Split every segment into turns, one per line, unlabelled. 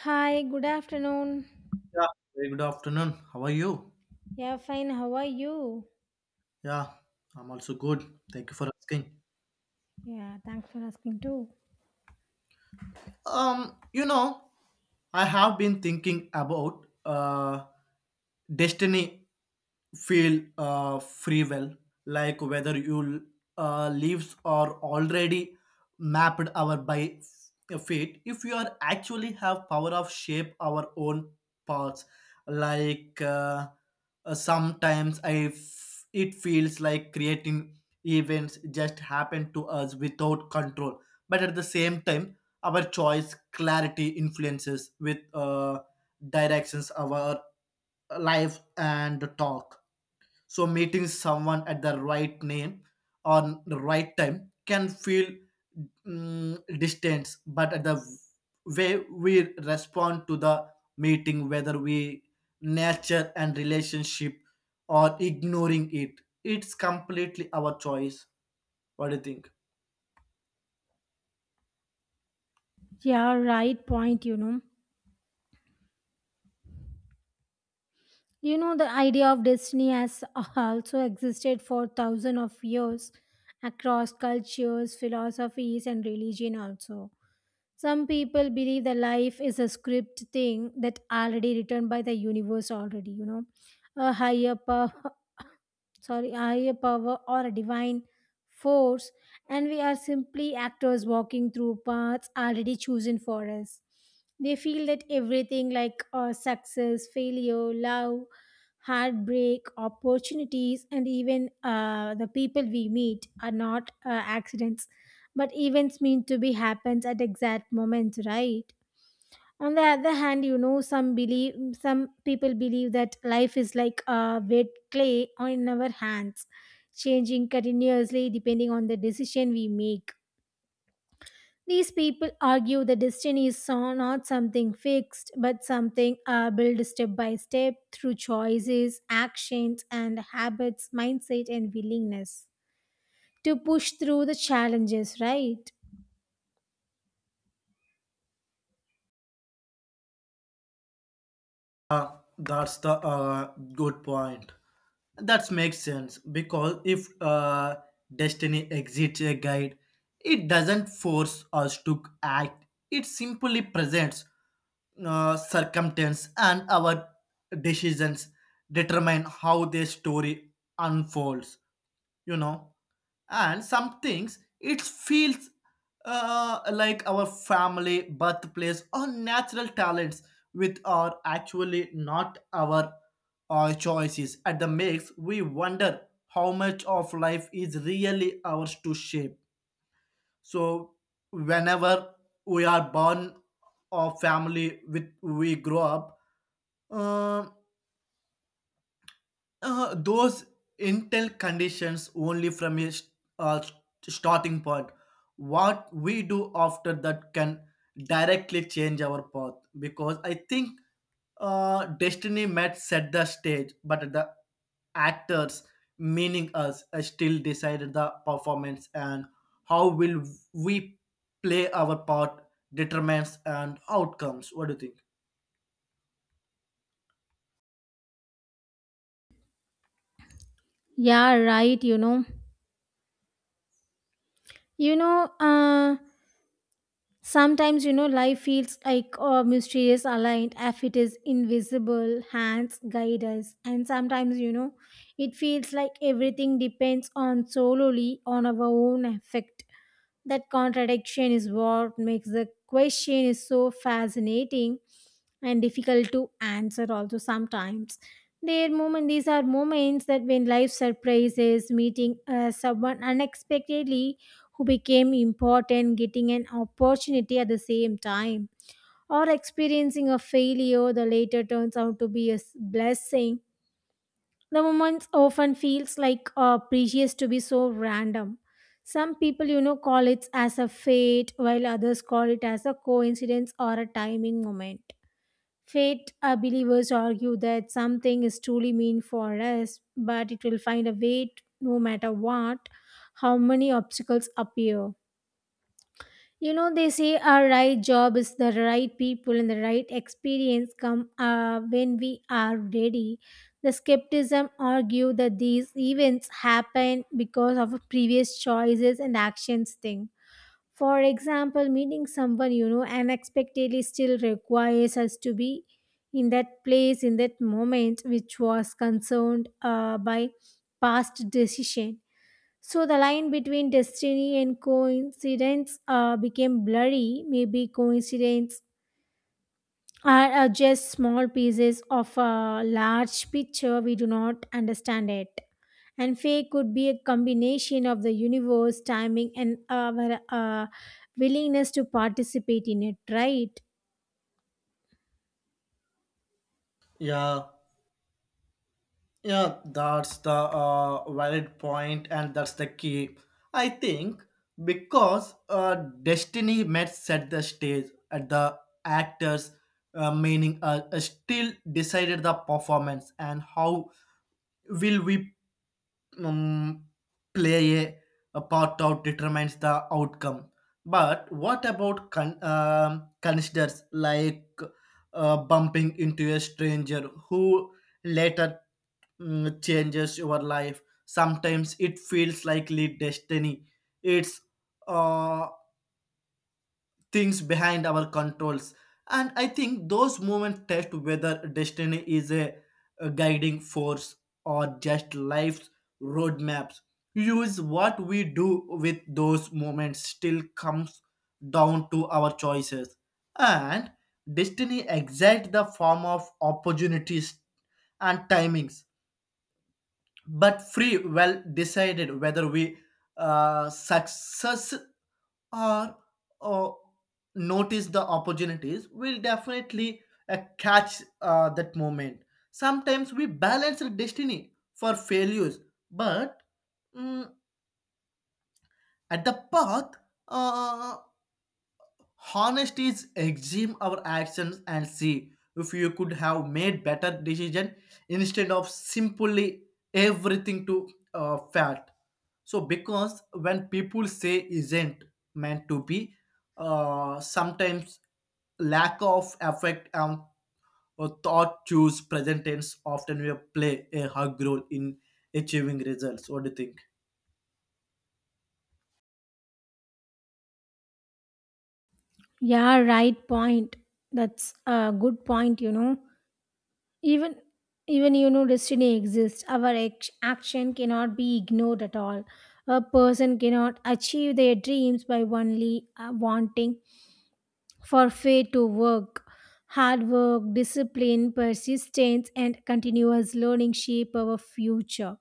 Hi, good afternoon.
Yeah, very good afternoon. How are you?
Yeah, fine. How are you?
Yeah, I'm also good. Thank you for asking.
Yeah, thanks for asking too.
Um, you know, I have been thinking about destiny feel free will, like whether you leaves are already mapped our by fate. If you are actually have power of shape our own paths, like sometimes it feels like creating events just happen to us without control. But at the same time, our choice clarity influences with directions our life and talk so meeting someone at the right name on the right time can feel distance, but at the way we respond to the meeting, whether we nurture and relationship or ignoring it, it's completely our choice. What do you think?
Yeah, right point, you know. The idea of destiny has also existed for thousands of years across cultures, philosophies, and religion also. Some people believe that life is a script thing that already written by the universe already, you know. A higher power sorry, higher power or a divine force, and we are simply actors walking through paths already chosen for us. They feel that everything like success, failure, love, heartbreak, opportunities, and even the people we meet are not accidents, but events meant to be happens at exact moments, right? On the other hand, you know, some people believe that life is like a wet clay on our hands, changing continuously depending on the decision we make. These people argue the destiny is not something fixed, but something built step by step through choices, actions, and habits, mindset, and willingness to push through the challenges, right?
That's the good point. That makes sense because if destiny exits a guide, it doesn't force us to act. It simply presents circumstance and our decisions determine how the story unfolds, you know, and some things it feels like our family birthplace or natural talents which are actually not our choices at the mix we wonder how much of life is really ours to shape. So whenever we are born of family with we grow up, uh, those intel conditions only from a uh, st- starting point. What we do after that can directly change our path because I think destiny might set the stage, but the actors, meaning us, still decided the performance and how will we play our part determines and outcomes. What do you think?
Yeah, right, you know. you know uh Sometimes, you know, life feels like a mysterious aligned if it is invisible hands guide us. And sometimes, you know, it feels like everything depends on solely on our own effect. That contradiction is what makes the question is so fascinating and difficult to answer also sometimes. There moment These are moments that when life surprises, meeting someone unexpectedly who became important, getting an opportunity at the same time, or experiencing a failure that later turns out to be a blessing. The moment often feels like precious to be so random. Some people, you know, call it as a fate, while others call it as a coincidence or a timing moment. Fate believers argue that something is truly meant for us, but it will find a way no matter what, how many obstacles appear. You know, they say our right job is the right people and the right experience come when we are ready. The skepticism argue that these events happen because of previous choices and actions thing. For example, meeting someone, you know, unexpectedly still requires us to be in that place in that moment, which was concerned by past decision. So the line between destiny and coincidence became blurry. Maybe coincidence are just small pieces of a large picture. We do not understand it. And fate could be a combination of the universe, timing, and our willingness to participate in it, right?
Yeah, Yeah, that's the valid point, and that's the key. I think because destiny met set the stage at the actors, meaning still decided the performance and how will we um, play a part out determines the outcome. But what about considers like bumping into a stranger who later changes your life? Sometimes it feels like late destiny. It's uh, things behind our controls, and I think those moments test whether destiny is a guiding force or just life's roadmaps use what we do with those moments still comes down to our choices, and destiny exact the form of opportunities and timings but free well decided whether we success or uh, notice the opportunities, we'll definitely catch that moment. Sometimes we balance the destiny for failures, but, mm, at the path, uh, honesty is examine our actions and see if you could have made better decision instead of simply everything to fat. So because when people say isn't meant to be, sometimes lack of effect and or thought choose present tense often will play a hug role in achieving results. What do you think?
Yeah, right point. That's a good point, you know. even even you know, destiny exists, our action cannot be ignored at all. A person cannot achieve their dreams by only wanting for faith to work. Hard work, discipline, persistence, and continuous learning shape our future.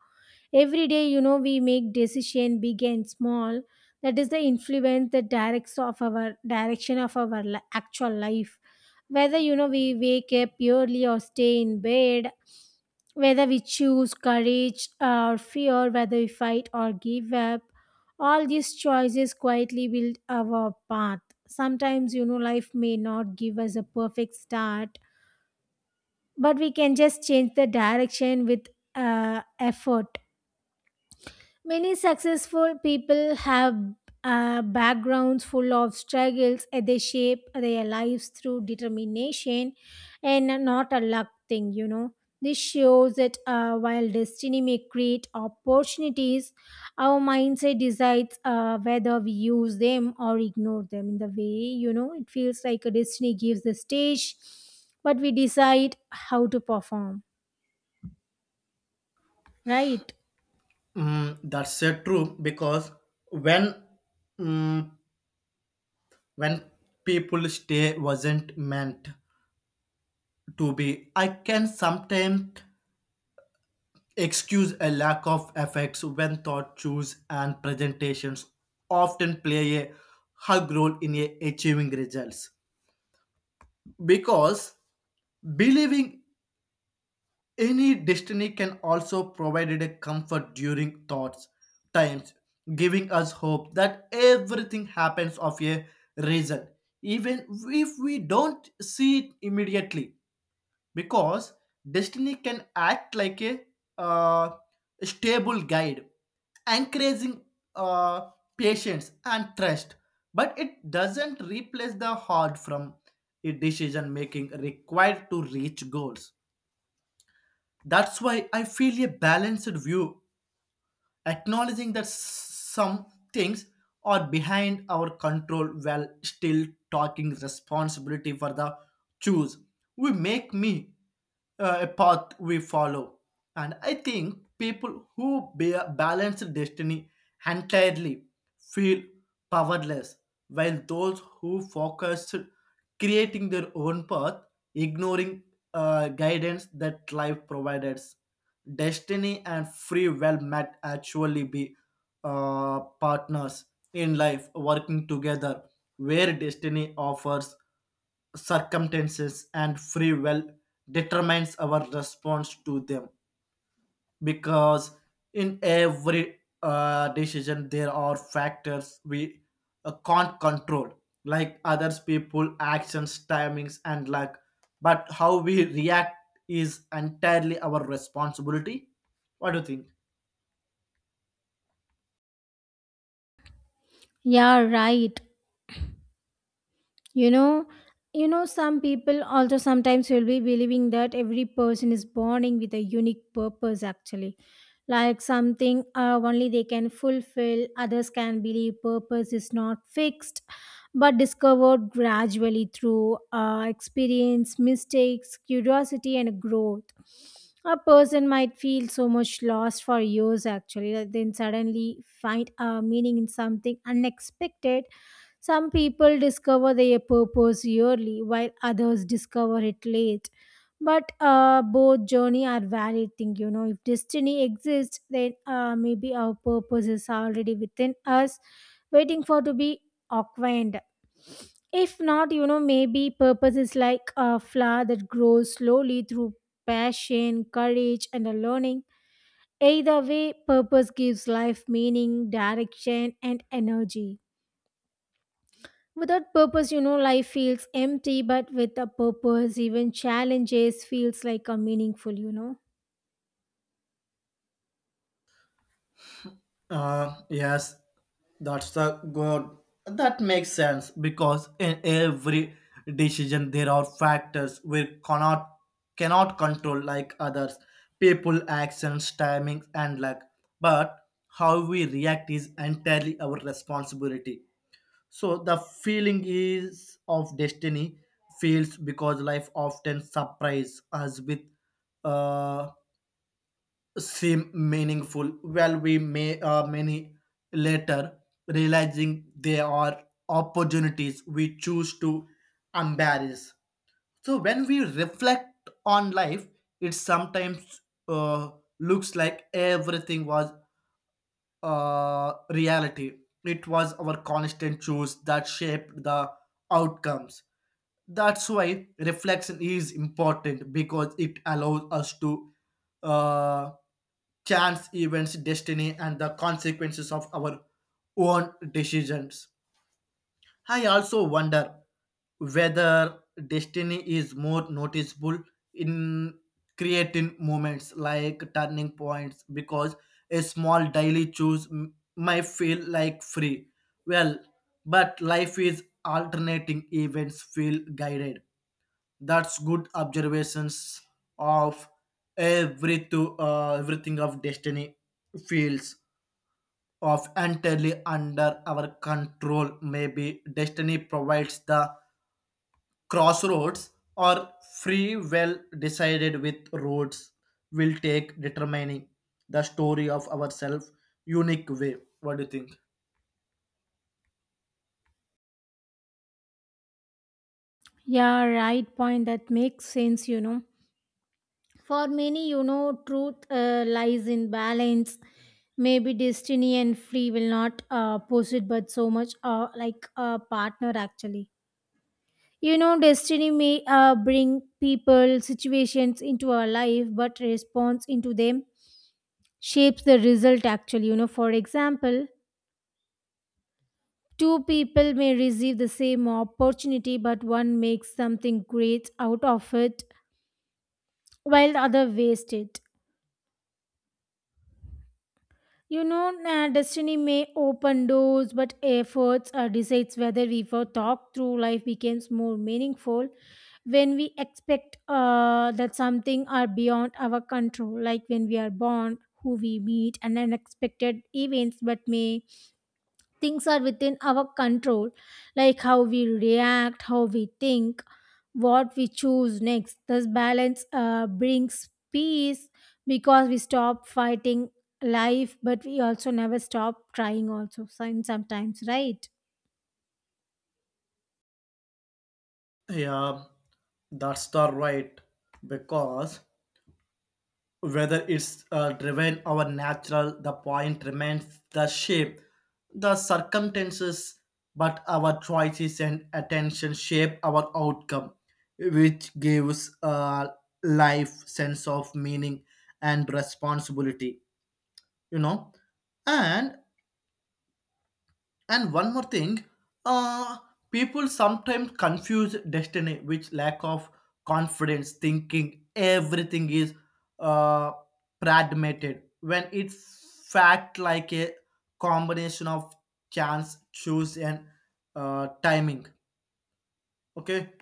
Every day, you know, we make decision big and small. That is the influence that directs of our direction of our actual life. Whether you know we wake up early or stay in bed, whether we choose courage or fear, whether we fight or give up, all these choices quietly build our path. Sometimes, you know, life may not give us a perfect start, but we can just change the direction with effort. Many successful people have backgrounds full of struggles, and they shape their lives through determination and not a luck thing, you know. This shows that while destiny may create opportunities, our mindset decides whether we use them or ignore them. In the way, you know, it feels like a destiny gives the stage, but we decide how to perform, right?
That's true because when, mm, when people stay wasn't meant to be. I can sometimes excuse a lack of effects when thought choose and presentations often play a hug role in a achieving results because believing any destiny can also provide a comfort during thoughts times, giving us hope that everything happens of a reason even if we don't see it immediately, because destiny can act like a uh, stable guide encouraging uh, patience and trust, but it doesn't replace the heart from a decision making required to reach goals. That's why I feel a balanced view acknowledging that some things are behind our control while still talking responsibility for the choose we make me a path we follow. And I think people who balance destiny entirely feel powerless, while those who focus creating their own path ignoring guidance that life provides, destiny and free will might actually be partners in life working together, where destiny offers circumstances and free will determines our response to them, because in every decision there are factors we can't control like others people actions timings and luck, but how we react is entirely our responsibility. What do you think?
Yeah, right. you know you know, some people also sometimes will be believing that every person is born with a unique purpose actually, like something only they can fulfill. Others can believe purpose is not fixed, but discovered gradually through experience, mistakes, curiosity, and growth. A person might feel so much lost for years actually, that then suddenly find a meaning in something unexpected. Some people discover their purpose early, while others discover it late. But both journey are valid thing, you know. If destiny exists, then maybe our purpose is already within us, waiting for to be acquainted. If not, you know, maybe purpose is like a flower that grows slowly through passion, courage, and a learning. Either way, purpose gives life meaning, direction, and energy. Without purpose, you know, life feels empty, but with a purpose, even challenges feels like a meaningful, you know.
Yes, that's the good. That makes sense because in every decision there are factors we cannot control like others, people, actions, timings, and luck. But how we react is entirely our responsibility. So the feeling is of destiny feels because life often surprises us with uh, seem meaningful while we may many later realizing they are opportunities we choose to embrace. So when we reflect on life it sometimes uh, looks like everything was reality. It was our constant choice that shaped the outcomes. That's why reflection is important because it allows us to uh, chance events destiny and the consequences of our own decisions. I also wonder whether destiny is more noticeable in creating moments like turning points because a small daily choose might feel like free well, but life is alternating events feel guided. That's good observations of every to everything of destiny feels of entirely under our control. Maybe destiny provides the crossroads or free will decided with roads will take determining the story of ourselves unique way. What do you think?
Yeah, right point. That makes sense, you know. For many, you know, truth lies in balance. Maybe destiny and free will not it, but so much like a partner actually. You know, destiny may bring people, situations into our life, but response into them shapes the result actually. You know, for example, two people may receive the same opportunity, but one makes something great out of it while the other wastes it. You know, destiny may open doors, but efforts decides whether we for talk through life becomes more meaningful when we expect that something are beyond our control, like when we are born, who we meet, and unexpected events, but may things are within our control, like how we react, how we think, what we choose next. This balance brings peace because we stop fighting life, but we also never stop trying, also, sometimes, right?
Yeah, that's the right because whether it's driven or natural the point remains the shape the circumstances, but our choices and attention shape our outcome which gives life sense of meaning and responsibility, you know. And and one more thing, uh, people sometimes confuse destiny with lack of confidence, thinking everything is uh, pragmated when it's fact like a combination of chance, choose, and timing. Okay.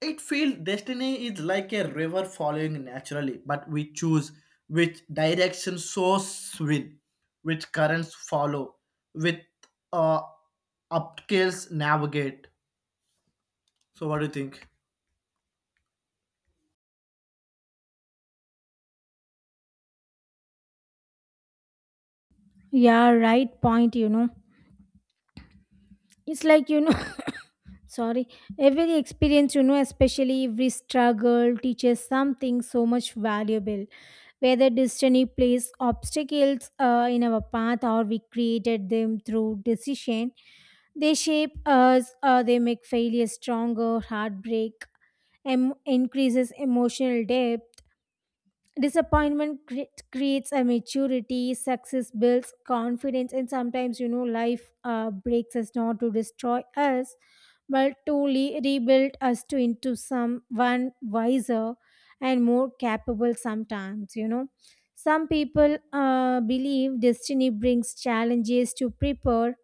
It feels destiny is like a river following naturally, but we choose which direction source will, which currents follow, with uh, upscales navigate. So, what do you think?
Yeah, right point, you know. It's like, you know, sorry, every experience, you know, especially every struggle teaches something so much valuable. Whether destiny placed obstacles in our path or we created them through decision, they shape us, they make failure stronger, heartbreak increases emotional depth, disappointment creates a maturity, success builds confidence. And sometimes, you know, life breaks us not to destroy us, but to rebuild us to into someone wiser and more capable. Sometimes, you know, some people believe destiny brings challenges to prepare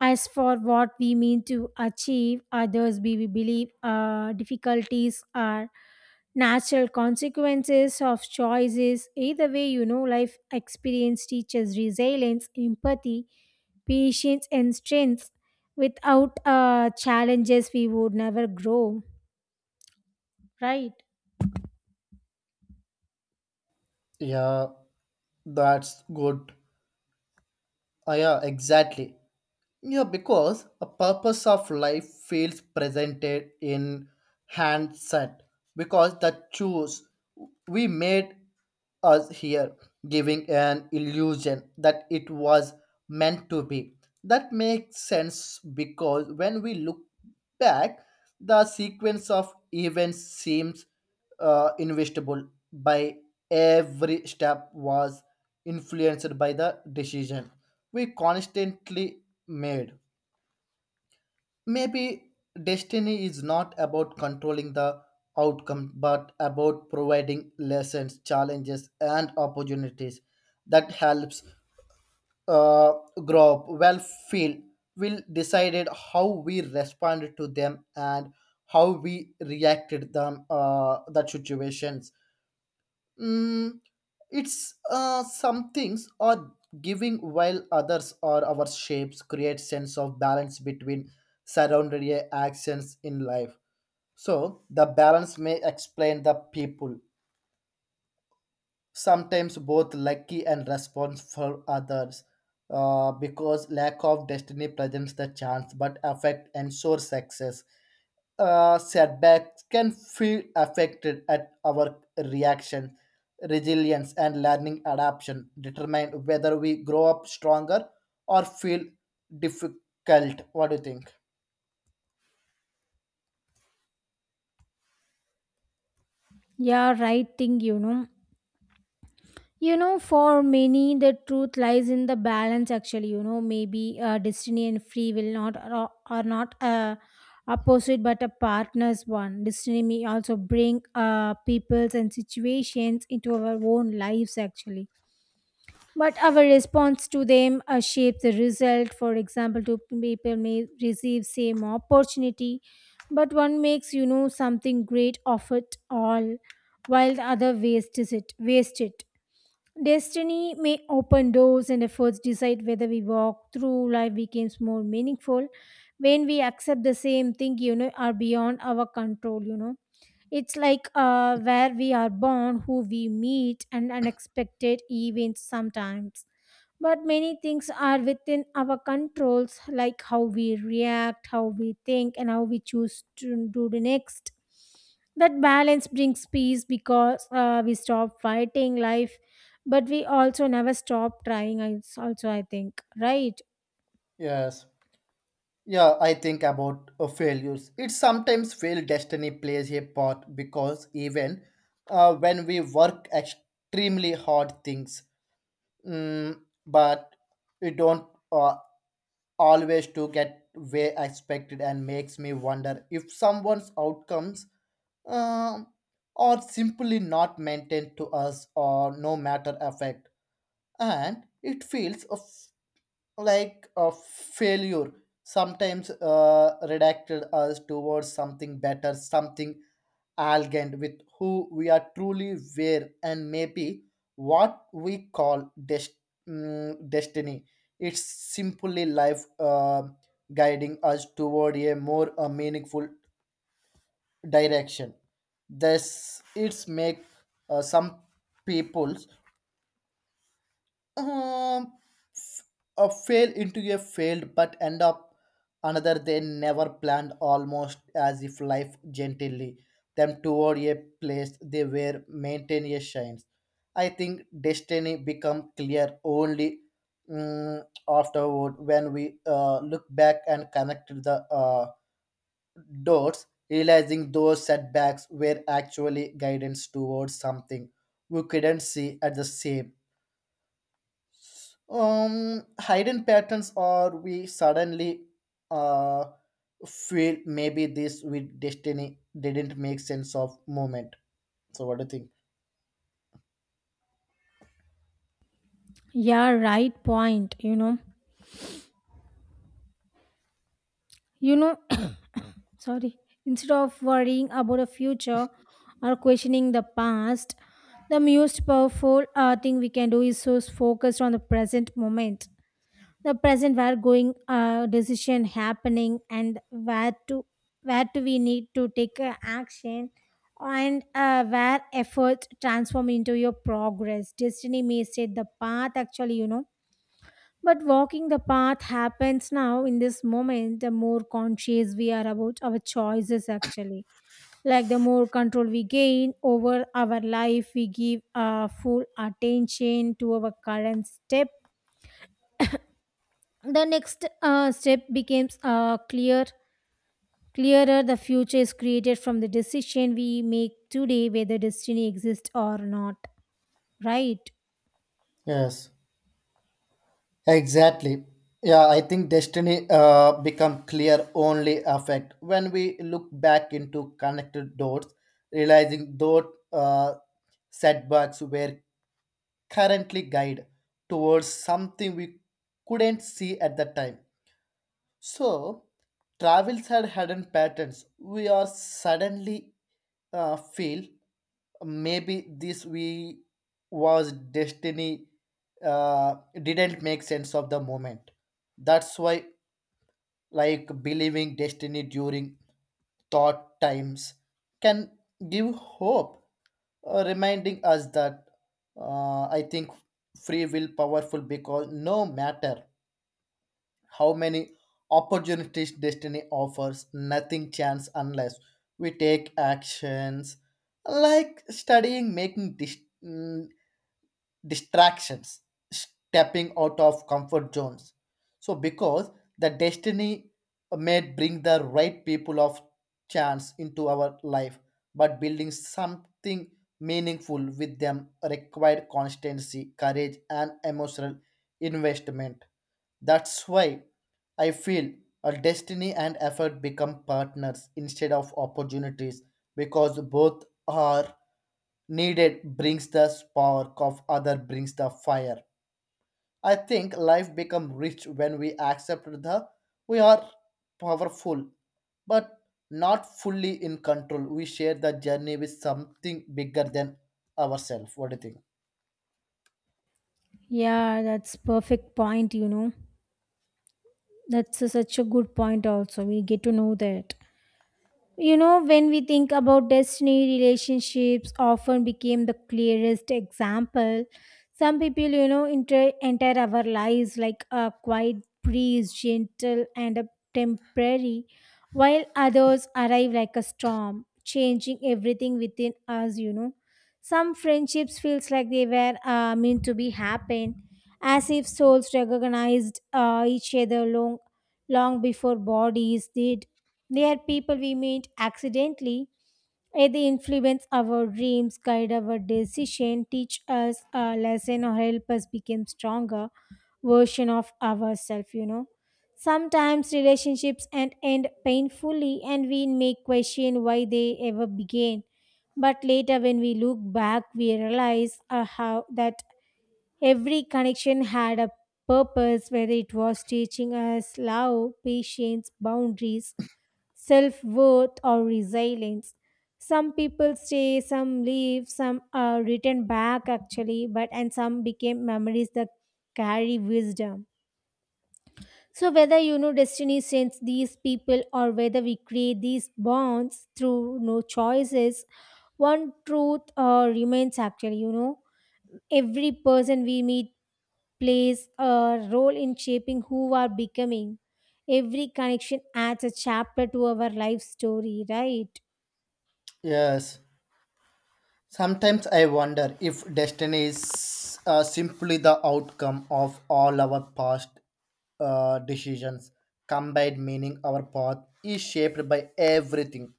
as for what we mean to achieve. Others we believe difficulties are natural consequences of choices. Either way, you know, life experience teaches resilience, empathy, patience, and strength. Without challenges, we would never grow, right?
Yeah, that's good. Ah, yeah, exactly. Yeah, because a purpose of life feels presented in handset because the choose we made us here, giving an illusion that it was meant to be. That makes sense because when we look back, the sequence of events seems investable by every step was influenced by the decision we constantly made. Maybe destiny is not about controlling the outcome, but about providing lessons, challenges, and opportunities that helps uh, grow up. Well, feel will decided how we responded to them and how we reacted them that situations. Mm, it's some things are giving while others are our shapes create sense of balance between surrounding actions in life. So the balance may explain the people sometimes both lucky and responsible for others because lack of destiny presents the chance but affect ensures success. Setbacks can feel affected at our reaction. Resilience and learning adaptation determine whether we grow up stronger or feel difficult. What do you think?
Yeah, right thing, you know. You know, for many, the truth lies in the balance. Actually, you know, maybe destiny and free will not are not opposite, but a partner's one. Destiny may also bring peoples and situations into our own lives. Actually, but our response to them shapes the result. For example, two people may receive same opportunity, but one makes you know something great of it all, while the other wastes it. Waste it. Destiny may open doors and efforts decide whether we walk through life becomes more meaningful when we accept the same thing, you know, are beyond our control, you know. It's like where we are born, who we meet, and unexpected events sometimes. But many things are within our controls, like how we react, how we think, and how we choose to do the next. That balance brings peace because we stop fighting life, but we also never stop trying. It's also, I think, right?
Yes, yeah, I think about failures. It sometimes fail destiny plays a part because even when we work extremely hard things, mm, but we don't always to get way expected, and makes me wonder if someone's outcomes um, are simply not maintained to us or no matter effect. And it feels of like a failure sometimes redacted us towards something better, something elegant with who we are truly were. And maybe what we call destiny it's simply life guiding us toward a more meaningful direction. This it's make some peoples um, f- fail into a failed but end up another they never planned, almost as if life gently them toward a place they were maintain a shines. I think destiny become clear only, mm, afterward when we look back and connect the dots, realizing those setbacks were actually guidance towards something we couldn't see at the same hidden patterns, or we suddenly uh, feel maybe this with destiny didn't make sense of moment. So, what do you think?
Yeah, right point, you know. You know, sorry, instead of worrying about the future or questioning the past, the most powerful thing we can do is so focused on the present moment. The present where going decision happening and where do we need to take action and where efforts transform into your progress. Destiny may set the path actually, you know, but walking the path happens now in this moment. The more conscious we are about our choices actually, like the more control we gain over our life, we give full attention to our current step. The next step becomes clear. Clearer, the future is created from the decision we make today, whether destiny exists or not. Right?
Yes, exactly. Yeah, I think destiny become clear only affect when we look back into connected dots, realizing those uh, setbacks were currently guide towards something we couldn't see at the time. So, travels had hidden patterns. We are suddenly feel maybe this we was destiny uh, didn't make sense of the moment. That's why like believing destiny during thought times can give hope, reminding us that I think free will powerful because no matter how many opportunities destiny offers nothing chance unless we take actions like studying making mm, distractions, stepping out of comfort zones. So, because the destiny may bring the right people of chance into our life, but building something meaningful with them required constancy, courage, and emotional investment. That's why I feel a destiny and effort become partners instead of opportunities because both are needed brings the spark of other brings the fire. I think life become rich when we accept the we are powerful but not fully in control we share the journey with something bigger than ourselves. What do you think?
Yeah, that's perfect point. You know, that's such a good point. Also, we get to know that. You know, when we think about destiny, relationships often became the clearest example. Some people, you know, enter our lives like a quiet breeze, gentle and a temporary, while others arrive like a storm, changing everything within us, you know. Some friendships feels like they were meant to be happen, as if souls recognized each other long, long before bodies did. They are people we meet accidentally, and they influence our dreams, guide our decision, teach us a lesson, or help us become stronger version of ourselves. You know, sometimes relationships end painfully, and we may question why they ever began. But later, when we look back, we realize how that every connection had a purpose, whether it was teaching us love, patience, boundaries, self worth, or resilience. Some people stay, some leave, some are written back actually, but and some became memories that carry wisdom. So whether you know destiny sends these people or whether we create these bonds through no choices, one truth remains actually, you know, every person we meet plays a role in shaping who we are becoming. Every connection adds a chapter to our life story, right?
Yes. Sometimes I wonder if destiny is simply the outcome of all our past decisions. Combined meaning our path is shaped by everything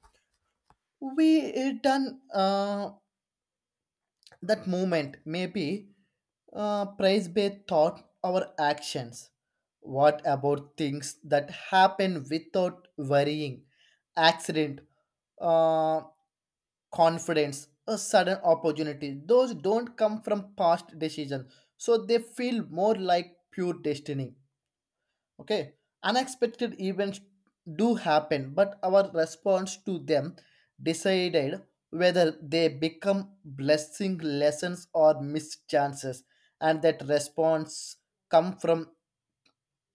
we return that moment, maybe praise based thought our actions. What about things that happen without worrying accident, uh, confidence, a sudden opportunity? Those don't come from past decisions so they feel more like pure destiny. Okay, unexpected events do happen, but our response to them decided whether they become blessing, lessons or missed chances, and that response come from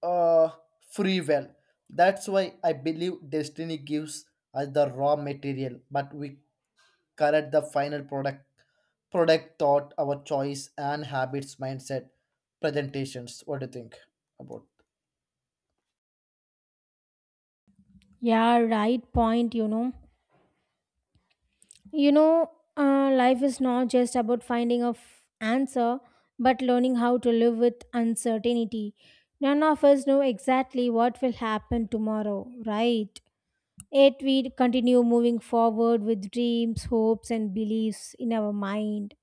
uh, free will. That's why I believe destiny gives us the raw material but we correct the final product thought our choice and habits mindset presentations. What do you think about?
Yeah, right point, you know. You know, life is not just about finding a answer, but learning how to live with uncertainty. None of us know exactly what will happen tomorrow, right? Yet we continue moving forward with dreams, hopes, and beliefs in our mind.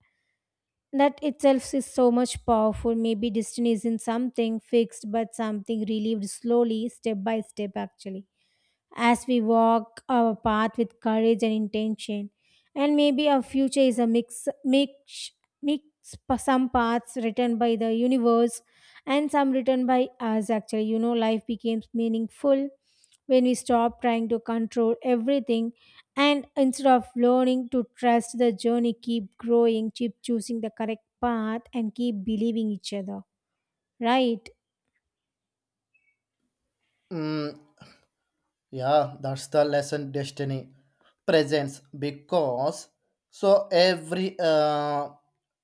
That itself is so much powerful. Maybe destiny isn't something fixed, but something relieved slowly, step by step, actually, as we walk our path with courage and intention. And maybe our future is a mix, some paths written by the universe and some written by us actually. You know, life becomes meaningful when we stop trying to control everything and instead of learning to trust the journey, keep growing, keep choosing the correct path, and keep believing each other. Right?
Mm, Yeah, that's the lesson destiny presents because so every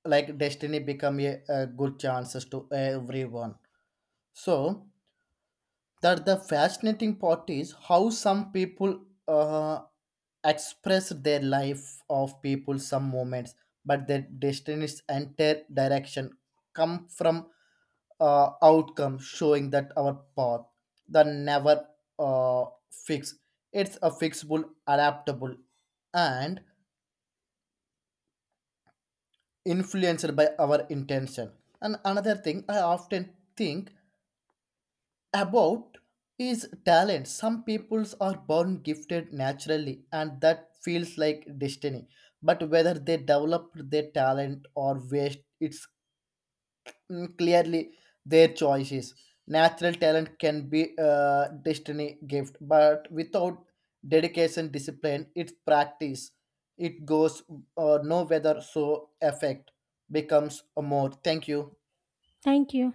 like destiny become a good chances to everyone. So that the fascinating part is how some people uh, express their life of people some moments but their destinies entire direction come from outcome showing that our path the never uh, fix it's a fixable adaptable and influenced by our intention. And another thing I often think about is talent. Some peoples are born gifted naturally, and that feels like destiny. But whether they developed their talent or waste, it's clearly their choices. Natural talent can be a destiny gift, but without dedication, discipline, it's practice. It goes no whether so effect becomes a more. Thank you.
Thank you.